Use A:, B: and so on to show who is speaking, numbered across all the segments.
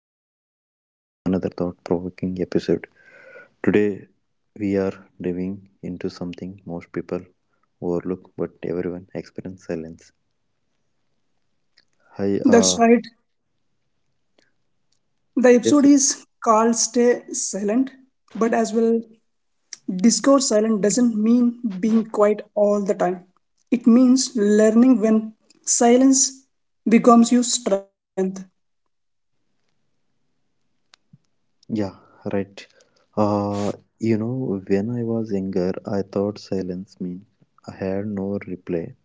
A: welcome back to another thought provoking episode. Today we are diving into something most people overlook but everyone experience silence. Hi,
B: That's right. The
A: yes,
B: episode
A: yes.
B: is called Stay Silent, but as well, discourse silent doesn't mean being quiet all the time. It means learning when silence becomes your strength.
A: Yeah, right. Uh, when I was younger, I thought silence meant I had no reply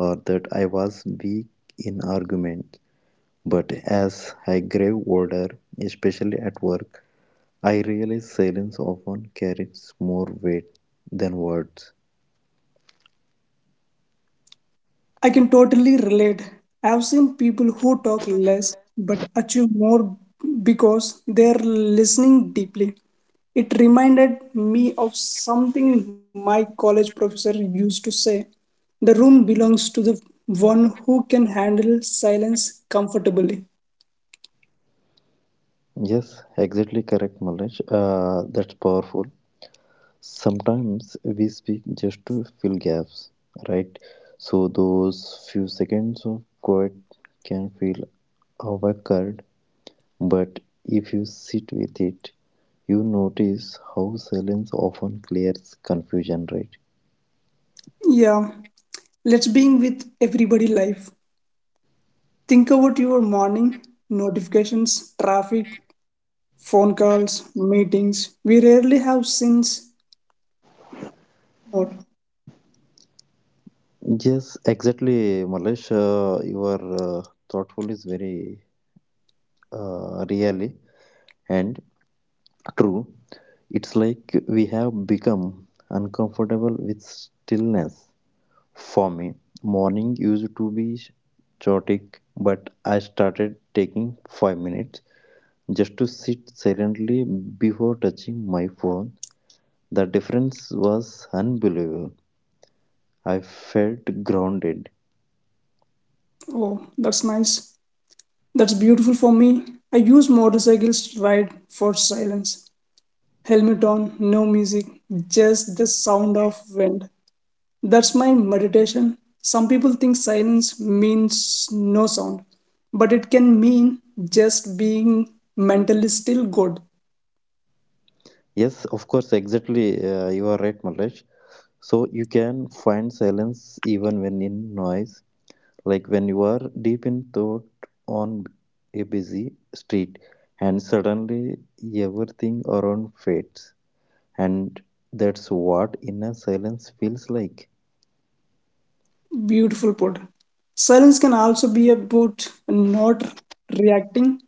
A: or that I was weak in argument. But as I grew older, especially at work, I realized silence often carries more weight than words.
B: I can totally relate. I've seen people who talk less but achieve more because they're listening deeply. It reminded me of something my college professor used to say. The room belongs to the one who can handle silence comfortably.
A: Yes, exactly correct, Malesh. That's powerful. Sometimes we speak just to fill gaps, right? So those few seconds of quiet can feel awkward, but if you sit with it, you notice how silence often clears confusion, right?
B: Yeah, let's being with everybody life. Think about your morning notifications, traffic, phone calls, meetings. We rarely have sins more.
A: Yes, exactly, Malesh. Your thoughtful is very really and true. It's like we have become uncomfortable with stillness. For me, morning used to be chaotic, but I started taking 5 minutes just to sit silently before touching my phone. The difference was unbelievable. I felt grounded.
B: Oh, that's nice. That's beautiful for me. I use motorcycles to ride for silence. Helmet on, no music, just the sound of wind. That's my meditation. Some people think silence means no sound, but it can mean just being mentally still good.
A: Yes, of course, exactly. You are right, Malraj. So you can find silence even when in noise, like when you are deep in thought on a busy street, and suddenly everything around fades, and that's what inner silence feels like.
B: Beautiful put. Silence can also be about not reacting.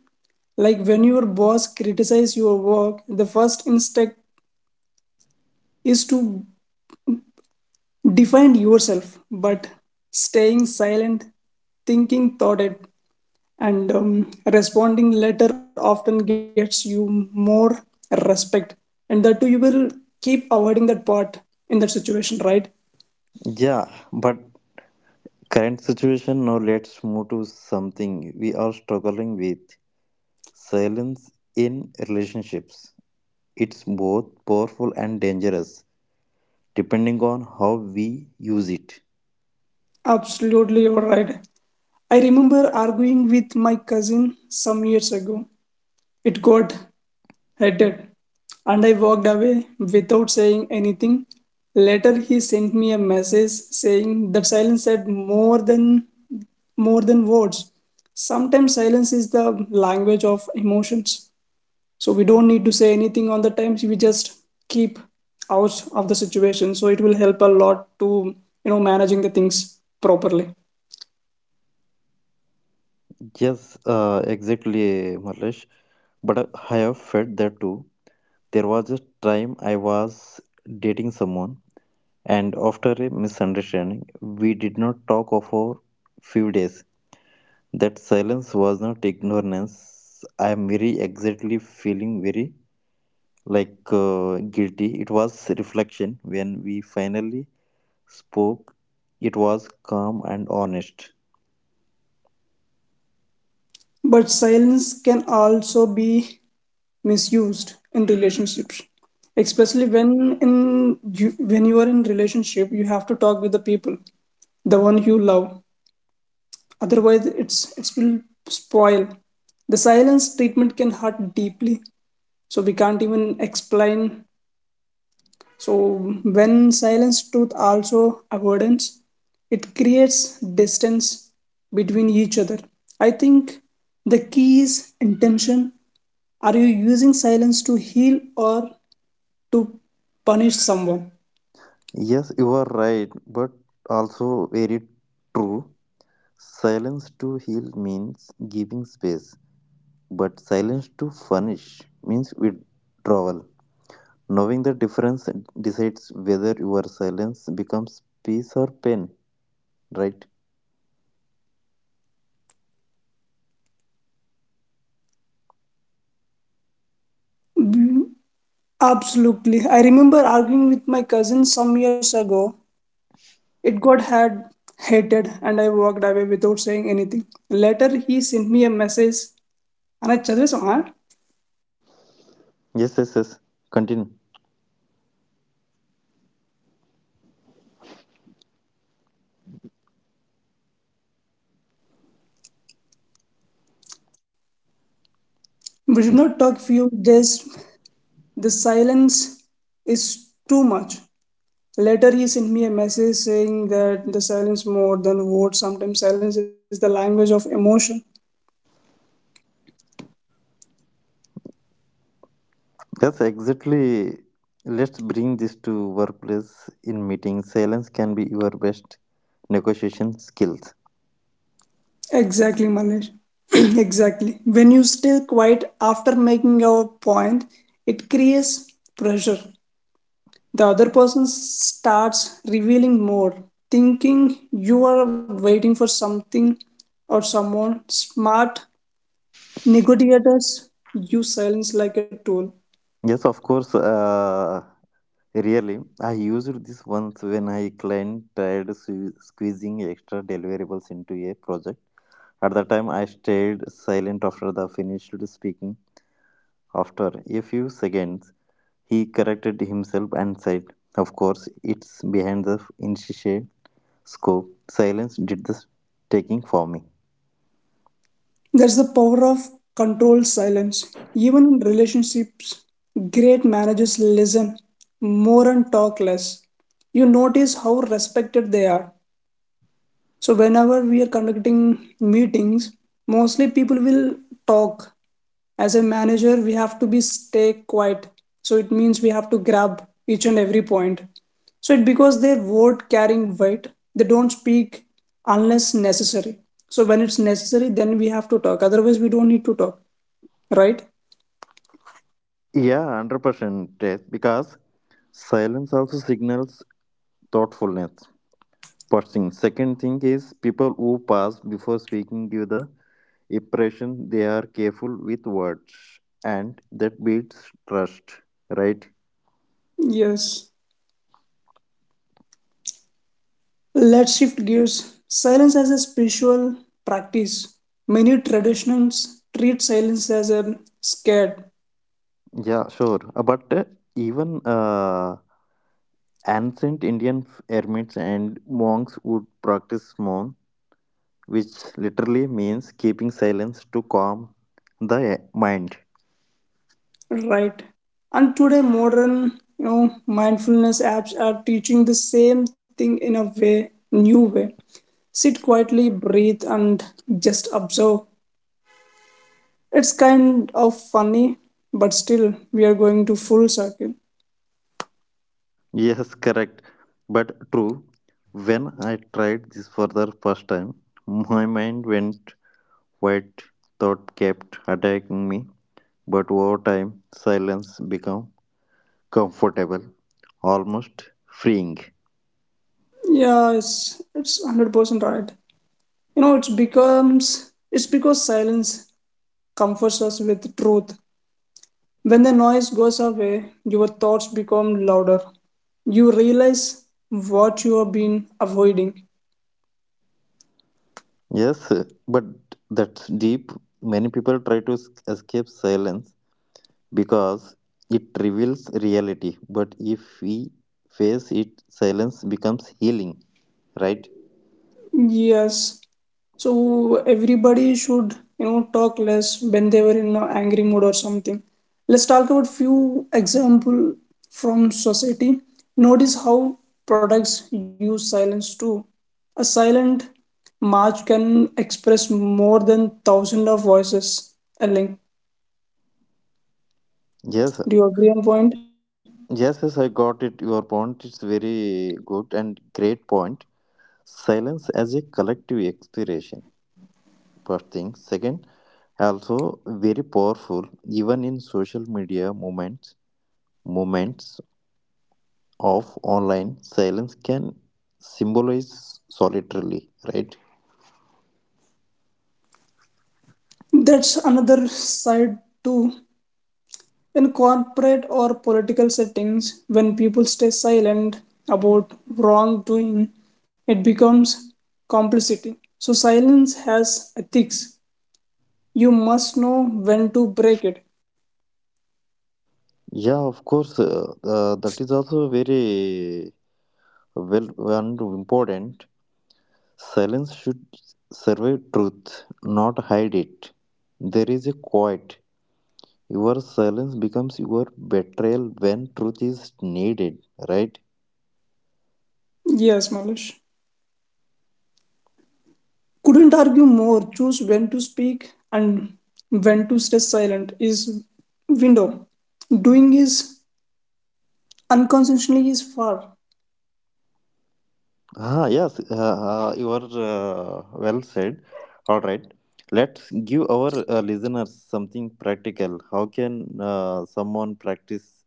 B: Like when your boss criticizes your work, the first instinct is to define yourself, but staying silent, thinking thought it, and responding later often gets you more respect. And that too, you will keep avoiding that part in that situation, right?
A: Yeah, but current situation now let's move to something we are struggling with, silence in relationships. It's both powerful and dangerous, depending on how we use it.
B: Absolutely, you're right. I remember arguing with my cousin some years ago. It got I did. And I walked away without saying anything. Later he sent me a message saying that silence said more than words. Sometimes silence is the language of emotions. So we don't need to say anything on the times we just keep out of the situation. So it will help a lot to, you know, managing the things properly.
A: Yes, exactly, Marlesh. But I have felt that too. There was a time I was dating someone, and after a misunderstanding, we did not talk for few days. That silence was not ignorance. I am very exactly feeling very like guilty. It was reflection. When we finally spoke, it was calm and honest.
B: But silence can also be misused in relationships, especially when in you, when you are in relationship you have to talk with the people the one you love, otherwise it will spoil the silence treatment can hurt deeply, so we can't even explain. So when silence truth also avoidance, it creates distance between each other. I think the key is intention. Are you using silence to heal or to punish someone?
A: Yes, you are right, but also very true. Silence to heal means giving space, but silence to punish means withdrawal. Knowing the difference decides whether your silence becomes peace or pain, right?
B: Absolutely. I remember arguing with my cousin some years ago. It got had hated and I walked away without saying anything. Later he sent me a message and I chadras.
A: Yes, yes, yes. Continue.
B: We did not talk few days. The silence is too much. Later he sent me a message saying that the silence more than words. Sometimes silence is the language of emotion.
A: Yes, exactly. Let's bring this to workplace in meetings. Silence can be your best negotiation skills.
B: Exactly, Manish. Exactly. When you stay quiet after making a point, it creates pressure. The other person starts revealing more, thinking you are waiting for something or someone. Smart negotiators use silence like a tool.
A: Yes, of course. Really, I used this once when I client tried squeezing extra deliverables into a project. At the time, I stayed silent after the finished speaking. After a few seconds, he corrected himself and said, of course, it's behind the initial scope. Silence did the taking for me.
B: That's the power of controlled silence. Even in relationships, great managers listen more and talk less. You notice how respected they are, so whenever we are conducting meetings, mostly people will talk. As a manager we have to be stay quiet, so it means we have to grab each and every point, so it because their word carrying weight, they don't speak unless necessary. So when it's necessary then we have to talk, otherwise we don't need to talk, right?
A: Yeah, 100% yes, because silence also signals thoughtfulness. First thing. Second thing is people who pause before speaking give the impression they are careful with words and that builds trust, right?
B: Yes. Let's shift gears. Silence as a spiritual practice. Many traditions treat silence as a scared.
A: Yeah, sure. But even Ancient Indian hermits and monks would practice mom, which literally means keeping silence to calm the mind.
B: Right. And today, modern, you know, mindfulness apps are teaching the same thing in a way, new way. Sit quietly, breathe, and just observe. It's kind of funny, but still, we are going to full circle.
A: Yes, correct, but true. When I tried this for the first time, my mind went white, thought kept attacking me, but over time, silence became comfortable, almost freeing.
B: Yeah, it's 100% right. You know, it's becomes it's because silence comforts us with truth. When the noise goes away, your thoughts become louder. You realize what you have been avoiding.
A: Yes, but that's deep. Many people try to escape silence because it reveals reality. But if we face it, silence becomes healing, right?
B: Yes. So everybody should, you know, talk less when they were in an angry mood or something. Let's talk about few example from society. Notice how products use silence too. A silent march can express more than thousand of voices. Elling,
A: Yes,
B: do you agree on point?
A: yes, yes, I got it. Your point is very good and great point. Silence as a collective expiration, first thing. Second, also very powerful, even in social media moments, of online silence can symbolize solitarily, right?
B: That's another side too. In corporate or political settings, when people stay silent about wrongdoing, it becomes complicity. So, silence has ethics. You must know when to break it.
A: Yeah, of course, that is also very well and important. Silence should survey truth, not hide it. There is a quiet. Your silence becomes your betrayal when truth is needed, right?
B: Yes, Malish. Couldn't argue more. Choose when to speak and when to stay silent is window. Doing is unconsciously is far.
A: Ah, yes, you are well said. All right, let's give our listeners something practical. How can someone practice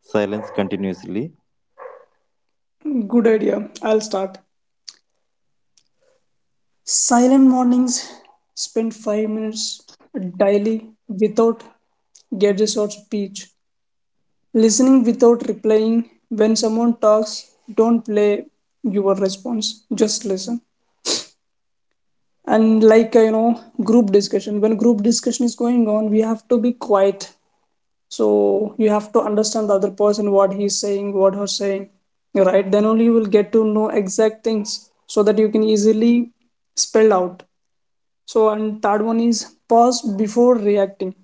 A: silence continuously?
B: Good idea. I'll start. Silent mornings, spend 5 minutes daily without gadgets or speech. Listening without replying. When someone talks, don't play your response, just listen. And like you know, group discussion. When group discussion is going on, we have to be quiet. So you have to understand the other person what he's saying, what her saying. Right? Then only you will get to know exact things so that you can easily spell out. So, and third one is pause before reacting.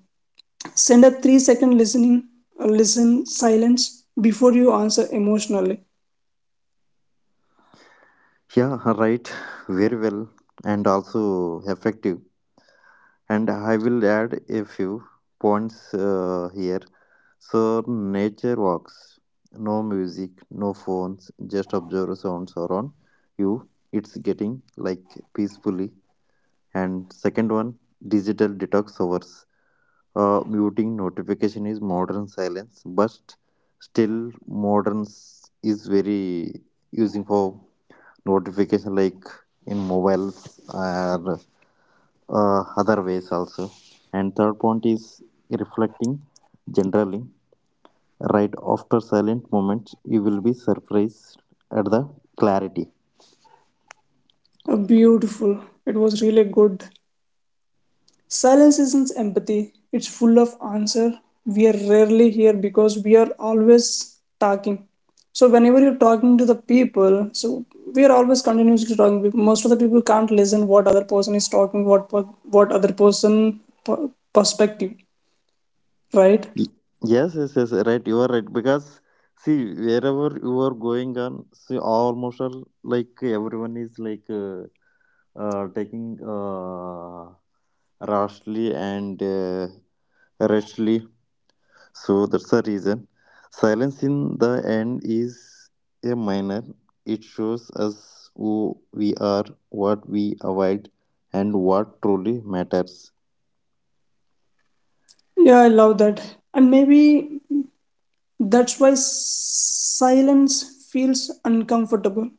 B: Send a 3 second listening, listen silence before you answer emotionally.
A: Yeah, right, very well, and also effective. And I will add a few points here. So, nature walks, no music, no phones, just observe sounds around you. It's getting like peacefully, and second one, digital detox hours, muting notification is modern silence, but still modern is very using for notification like in mobiles or other ways also, and third point is reflecting generally right after silent moments. You will be surprised at the clarity.
B: Beautiful. It was really good. Silence isn't empathy, it's full of answer. We are rarely here because we are always talking. So, whenever you're talking to the people, so we are always continuously talking. Most of the people can't listen what other person is talking, what other person per- perspective, right?
A: Y- Yes, yes, yes, right. You are right because see wherever you are going on, see almost all, like everyone is like taking rashly and rashly. So that's the reason. Silence in the end is a minor. It shows us who we are, what we avoid, and what truly matters.
B: Yeah, I love that. And maybe that's why silence feels uncomfortable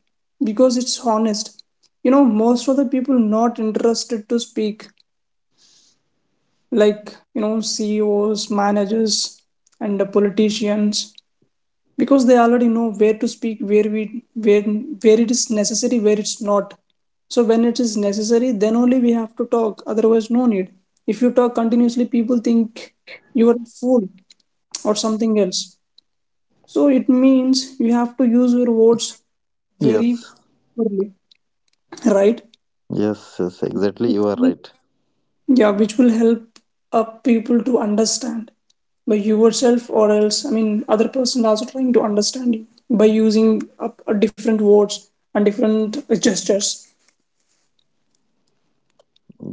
B: because it's honest. You know, most of the people not interested to speak, like, you know, CEOs, managers, and the politicians, because they already know where to speak, where it is necessary, where it's not. So when it is necessary, then only we have to talk. Otherwise, no need. If you talk continuously, people think you are a fool or something else. So it means you have to use your words very
A: Yes,
B: properly, right?
A: yes, yes, exactly. You are right.
B: Yeah, which will help up people to understand by you yourself or else, I mean other person also trying to understand you by using up different words and different gestures.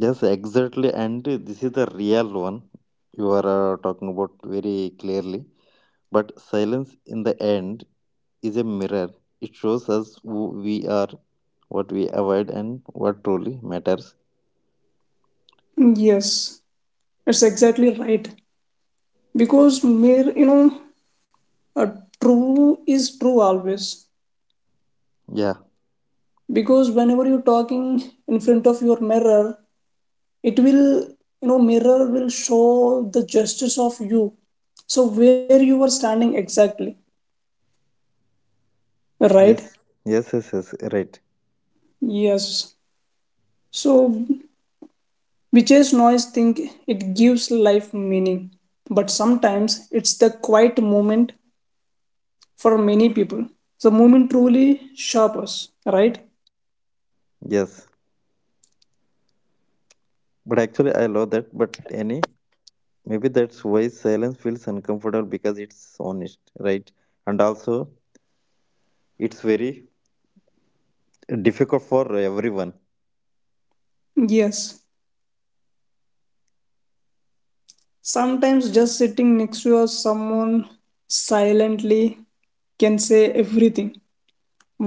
A: Yes, exactly. And this is the real one you are talking about very clearly. But silence in the end is a mirror. It shows us who we are, what we avoid, and what truly matters.
B: Yes, it's exactly right. Because mere, you know, a true is true always.
A: Yeah.
B: Because whenever you're talking in front of your mirror it will, you know, mirror will show the justice of you, so where you are standing exactly, right?
A: Yes. Yes, yes, yes. Right.
B: Yes. So which is noise think it gives life meaning, but sometimes it's the quiet moment for many people, the moment truly sharp us, right?
A: Yes. But actually, I love that. But any, maybe that's why silence feels uncomfortable because it's honest, right? And also, it's very difficult for everyone.
B: Yes. Sometimes just sitting next to us someone silently can say everything.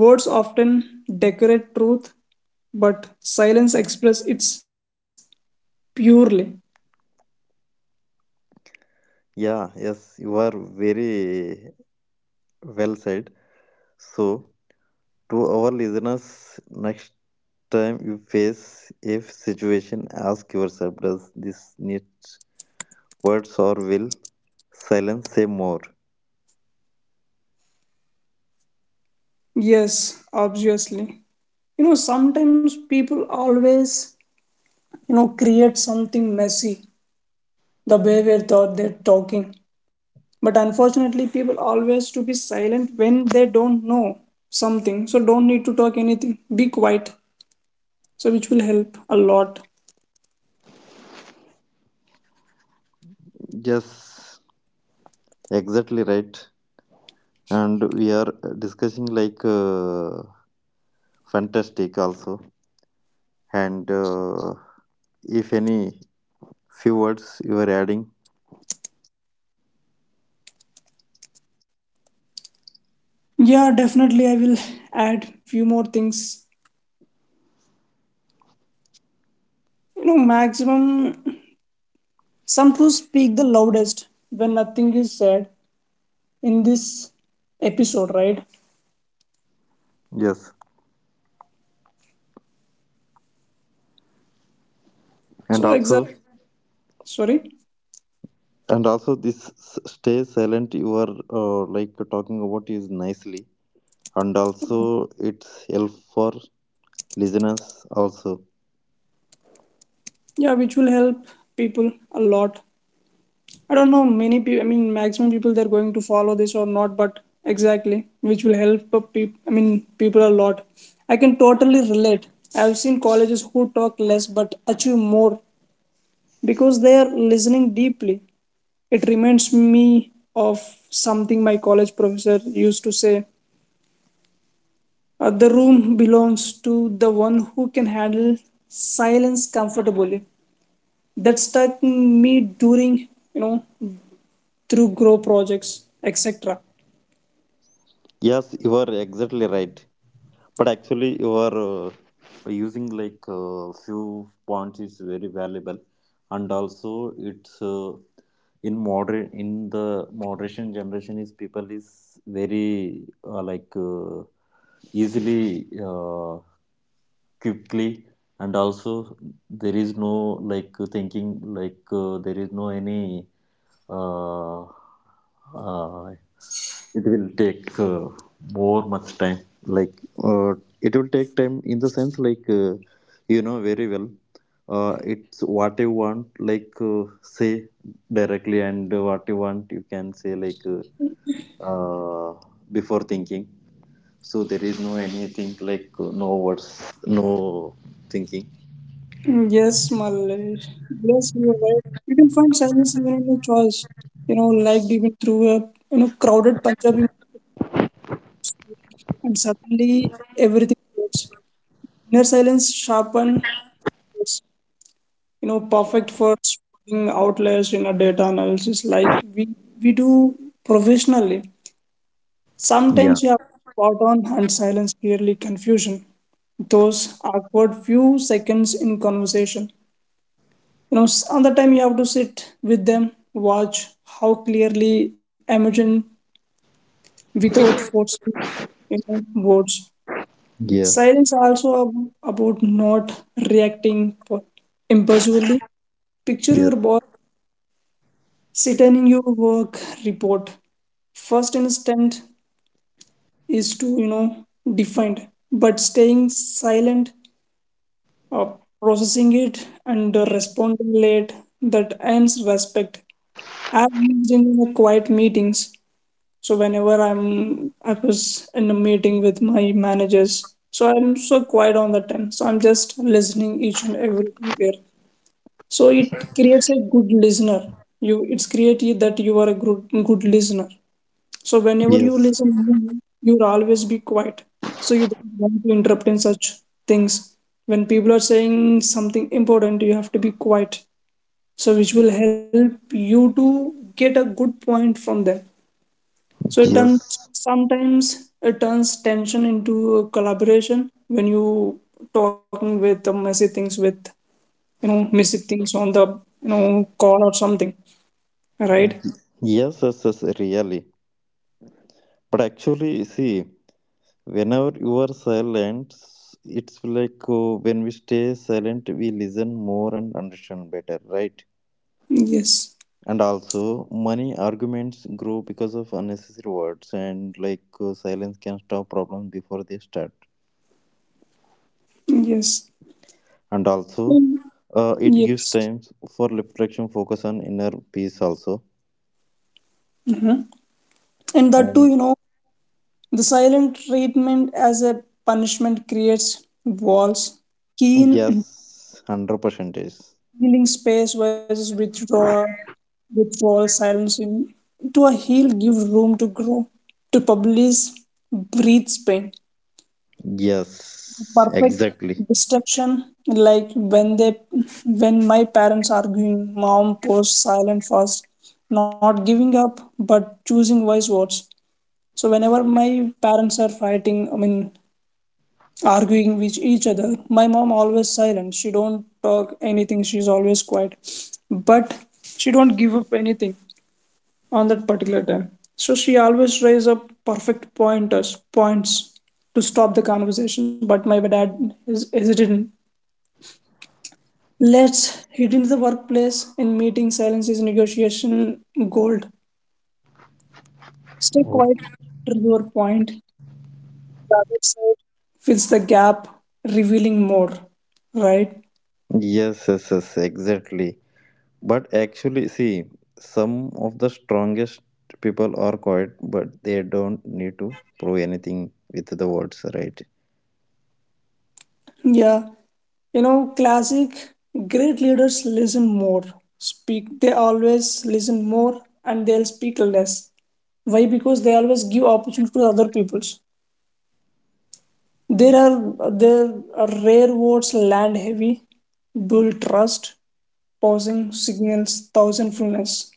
B: Words often decorate truth, but silence express its purely.
A: Yeah, yes, you are very well said. So, to our listeners, next time you face a situation, ask yourself, does this need words or will silence say more?
B: Yes, obviously. You know, sometimes people always, you know, create something messy the way we thought they're talking. But unfortunately, people always to be silent when they don't know something. So don't need to talk anything. Be quiet. So which will help a lot.
A: Yes, exactly right. And we are discussing like fantastic also. And if any few words you are adding,
B: Yeah, definitely I will add few more things. You know, maximum some truths speak the loudest when nothing is said in this episode, right?
A: yes, and
B: So
A: also,
B: exact, sorry,
A: and also this stay silent you are like talking about is nicely, and also it's help for listeners also.
B: yeah, which will help people a lot. I don't know many people. I mean, maximum people they're going to follow this or not, but exactly, which will help people. I mean, people a lot. I can totally relate. I've seen colleges who talk less but achieve more because they are listening deeply. It reminds me of something my college professor used to say. The room belongs to the one who can handle silence comfortably. That stuck me during, you know, through grow projects, etc.
A: Yes, you are exactly right, but actually you are using like few points is very valuable, and also it's in the moderation generation is people is very like easily quickly, and also there is no like thinking like there is no any uh, uh, it will take more much time like uh, it will take time in the sense like you know very well, it's what you want like say directly and what you want you can say like uh, before thinking, so there is no anything like no words, no thinking.
B: Mm, yes, Malaysh. Yes, you are right. You can find silence even in your choice. You know, like even through a, you know, crowded Punjabi and suddenly everything goes. Inner silence sharpen is, you know, perfect for speaking outlets in a data analysis like we do professionally.
A: Yeah.
B: Sometimes you have spot on and silence clearly confusion. Those awkward few seconds in conversation. You know, another time you have to sit with them, watch how clearly imagine without forcing, you know, words.
A: Yeah,
B: Silence also about not reacting impulsively. Picture
A: yes,
B: your boss sitting in your work report. First instant is to, you know, defined, but staying silent, uh, processing it and responding late, that earns respect. I've used in the quiet meetings, so whenever I was in a meeting with my managers, so I'm so quiet on that time, so I'm just listening each and everything there. So it creates a good listener. You, it's creative that you are a good listener. So whenever you
A: yes,
B: listen, you'll always be quiet. So you don't want to interrupt in such things. When people are saying something important, you have to be quiet. So which will help you to get a good point from them. So it turns,
A: yes,
B: sometimes it turns tension into a collaboration when you talking with the messy things with, you know, messy things on the, you know, call or something, right?
A: yes, yes, yes, really, but actually see, whenever you are silent, it's like when we stay silent we listen more and understand better, right?
B: Yes.
A: And also money arguments grow because of unnecessary words, and like silence can stop problems before they start.
B: Yes.
A: And also,
B: Mm,
A: it gives
B: yes.
A: time for reflection, focus on inner peace also.
B: Mhm. And that too,
A: And
B: you know, the silent treatment as a punishment creates walls, keen and
A: yes, 100% is,
B: healing space versus withdrawal. Withdrawal silence in to a heal give room to grow, to publish, breathes pain.
A: yes
B: Perfect
A: exactly.
B: destruction. Like when my parents arguing, mom posts silent first, not giving up but choosing wise words. So whenever my parents are fighting, arguing with each other, my mom always silent, she don't talk anything, she's always quiet. But she don't give up anything on that particular time. So she always raise up perfect pointers points to stop the conversation, but my dad is hesitant. Let's hit into the workplace. In meeting, silence is negotiation gold. Stay quiet after your point. The other side fills the gap, revealing more, right?
A: Yes, yes, yes, exactly. But actually, see, some of the strongest people are quiet, but they don't need to prove anything with the words, right?
B: Yeah, you know, classic great leaders listen more, speak, they always listen more and they'll speak less. Why? Because they always give opportunity to other peoples. There are rare words land heavy, build trust, pausing signals, thousandfulness.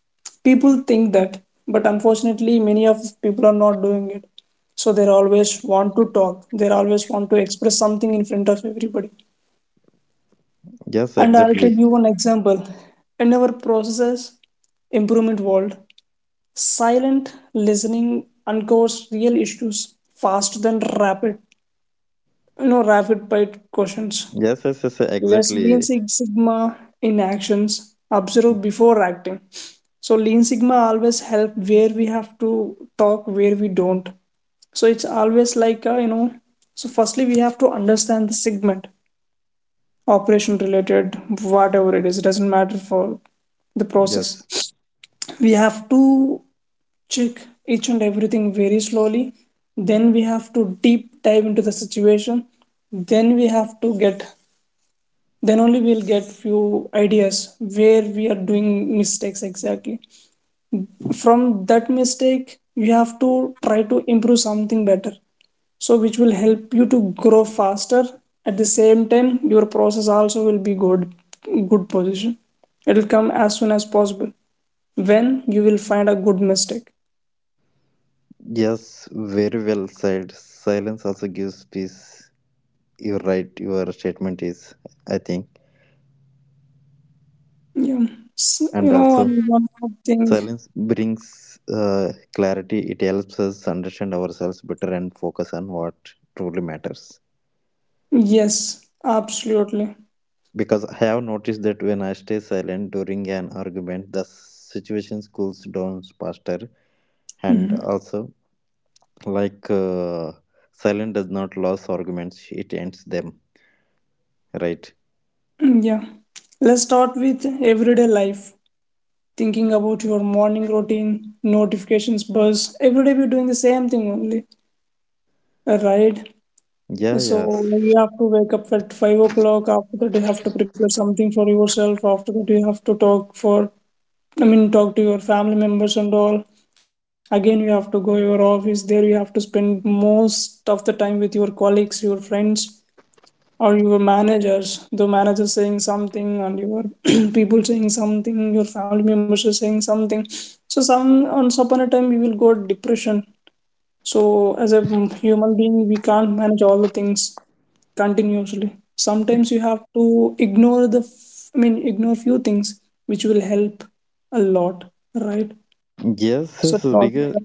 B: People think that, but unfortunately, many of people are not doing it. So they always want to talk. They always want to express something in front of everybody.
A: Yes,
B: And I'll tell
A: exactly.
B: you one example. In our processes improvement world, silent listening uncovers real issues faster than rapid bite questions.
A: Yes, yes, yes, yes,
B: Let's Lean
A: exactly.
B: Six Sigma in actions. Observe before acting. So Lean Sigma always help where we have to talk, where we don't. So it's always like you know. So firstly, we have to understand the segment, operation related, whatever it is, it doesn't matter. For the process
A: Yes.
B: we have to check each and everything very slowly, then we have to deep dive into the situation, then we have to get, then only we'll get few ideas where we are doing mistakes exactly. From that mistake we have to try to improve something better, so which will help you to grow faster. At the same time your process also will be good, good position. It will come as soon as possible when you will find a good mistake.
A: Yes, very well said. Silence also gives peace. You're right, your statement is, I think.
B: Yeah. S, you
A: And
B: know,
A: also,
B: and one more thing.
A: silence brings clarity. It helps us understand ourselves better and focus on what truly matters.
B: Yes, absolutely.
A: Because I have noticed that when I stay silent during an argument, the situation cools down faster. And
B: Mhm.
A: also, like uh, silence does not lose arguments, it ends them, right?
B: Yeah, let's start with everyday life, thinking about your morning routine. Notifications buzz every day, we're doing the same thing only, right?
A: Yeah,
B: So
A: yes,
B: you have to wake up at 5 o'clock. After that, you have to prepare something for yourself. After that, you have to talk for, talk to your family members and all. Again, you have to go your office. There, you have to spend most of the time with your colleagues, your friends, or your managers. The manager saying something, and your people saying something, your family members are saying something. So, some once upon a time, you will go depression. So, as a human being, we can't manage all the things continuously. Sometimes you have to ignore the, ignore few things which will help a lot, right?
A: yes,
B: So,
A: yes,
B: talking
A: because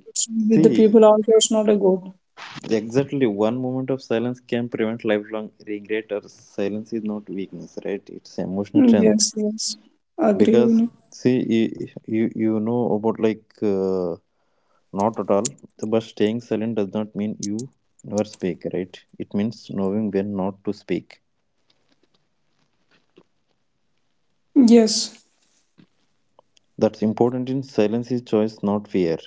B: with the
A: see,
B: people also is not a good.
A: exactly, one moment of silence can prevent lifelong regret, or silence is not weakness, right? It's emotional
B: Mm,
A: strength,
B: yes, yes, agree
A: because
B: on it.
A: see, you you know about not at all, but staying silent does not mean you never speak, right? It means knowing when not to speak.
B: Yes,
A: That's important in silence is choice not fear.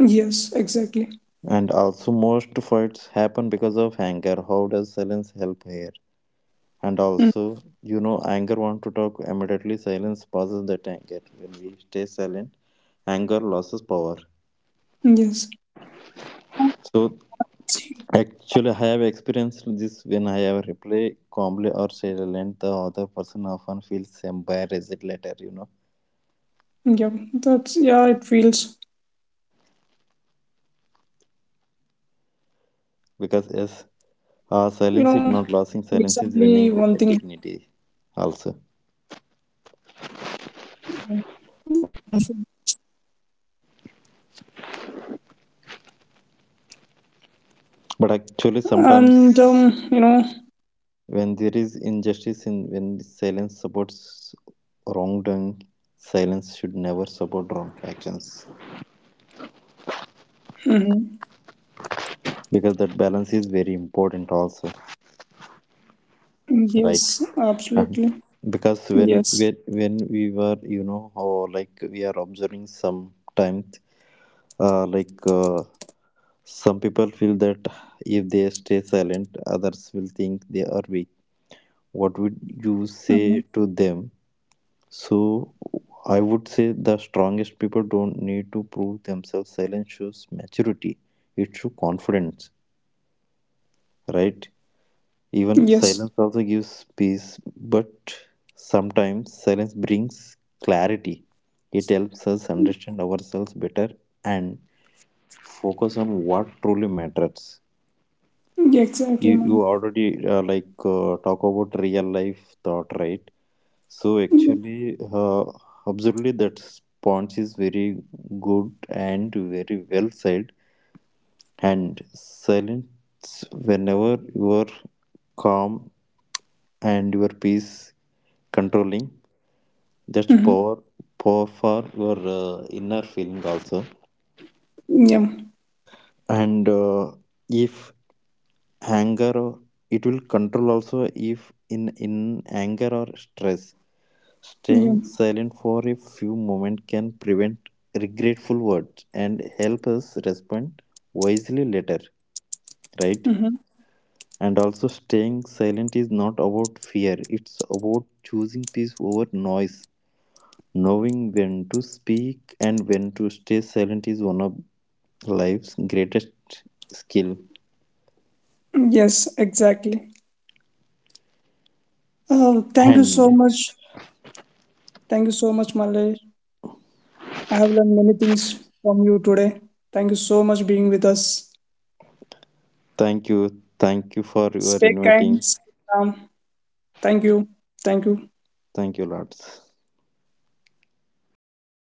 B: yes, exactly.
A: And also, most fights happen because of anger. How does silence help here? And
B: Mm,
A: also, you know, anger want to talk immediately. Silence pauses that anger. When we stay silent, anger loses power.
B: yes,
A: So, actually, I have experienced this when I have reply calmly or silent. The other person often feels embarrassed later. You know,
B: yeah, that's yeah, it feels,
A: because yes,
B: you know,
A: silence is not losing. Silence is
B: recently
A: winning with
B: one
A: the
B: thing
A: dignity. Also,
B: wonderful,
A: but actually,
B: and
A: sometimes
B: you know.
A: when there is injustice in, when silence supports wrongdoing, silence should never support wrong actions,
B: Mm-hmm.
A: because that balance is very important also, right?
B: Yes,
A: And
B: absolutely.
A: because when
B: Yes.
A: we were you know or like we are observing sometimes uh, like uh, some people feel that if they stay silent others will think they are weak. What would you say to
B: Hmm.
A: them? So I would say the strongest people don't need to prove themselves. Silence shows maturity. It shows confidence, right? Even silence
B: Yes.
A: also gives peace, but sometimes silence brings clarity. It helps us understand ourselves better and focus on what truly matters.
B: Yeah, exactly,
A: You
B: man.
A: already talk about real life thought, right? So
B: Yeah.
A: actually, absolutely, that sponge is very good and very well said. And silence, whenever you are calm and your peace controlling, that's
B: Hmm.
A: power, power for your inner feeling also.
B: Yeah.
A: And if anger, it will control also if in in anger or stress.
B: Yeah.
A: Staying silent for a few moments can prevent regretful words and help us respond wisely later, right?
B: Mm-hmm.
A: And also, staying silent is not about fear, it's about choosing peace over noise. Knowing when to speak and when to stay silent is one of life's greatest skill.
B: Yes, exactly. Oh, thank you so
A: And
B: much. Thank you so much, Malay. I have learned many things from you today. Thank you so much being with us.
A: thank you for your
B: Stay
A: inviting.
B: kind. Stay calm. Thank you. Thank you.
A: Thank you, lots.